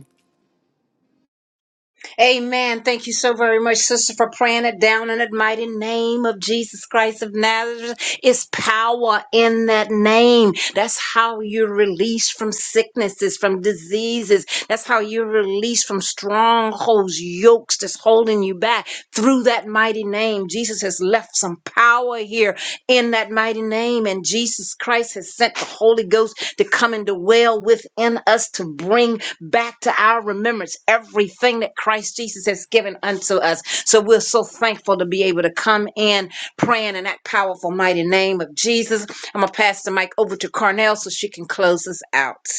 Speaker 2: Amen. Thank you so very much, sister, for praying it down in the mighty name of Jesus Christ of Nazareth. It's power in that name. That's how you're released from sicknesses, from diseases. That's how you're released from strongholds, yokes that's holding you back through that mighty name. Jesus has left some power here in that mighty name. And Jesus Christ has sent the Holy Ghost to come and dwell within us to bring back to our remembrance everything that Christ Jesus has given unto us. So we're so thankful to be able to come in praying in that powerful, mighty name of Jesus. I'm going to pass the mic over to Carnell so she can close us out.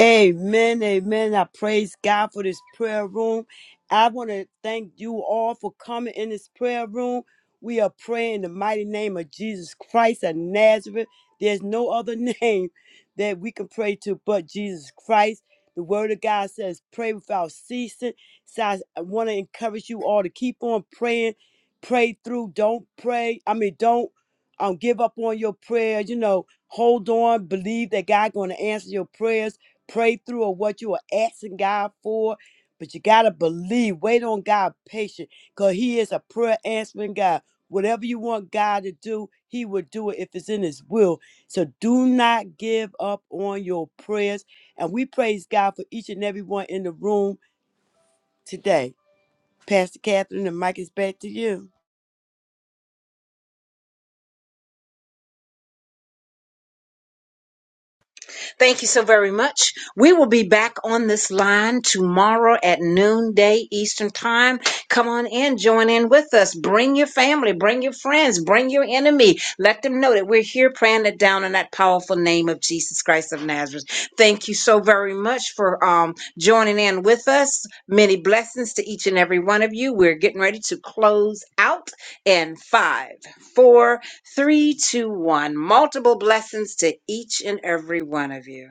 Speaker 3: Amen, amen. I praise God for this prayer room. I want to thank you all for coming in this prayer room. We are praying in the mighty name of Jesus Christ of Nazareth. There's no other name that we can pray to but Jesus Christ. The word of God says, pray without ceasing. So I want to encourage you all to keep on praying. Pray through. Don't pray. I mean, don't um, give up on your prayers. You know, hold on. Believe that God going to answer your prayers pray through or what you are asking God for. But you gotta believe, wait on God patient, because He is a prayer answering God. Whatever you want God to do, He will do it if it's in His will. So do not give up on your prayers. And we praise God for each and every one in the room today. Pastor Catherine, the mic is back to you.
Speaker 2: Thank you so very much. We will be back on this line tomorrow at noonday Eastern Time. Come on in, join in with us. Bring your family, bring your friends, bring your enemy. Let them know that we're here praying it down in that powerful name of Jesus Christ of Nazareth. Thank you so very much for um, joining in with us. Many blessings to each and every one of you. We're getting ready to close out in five, four. Three, two, one. Multiple blessings to each and every one of you.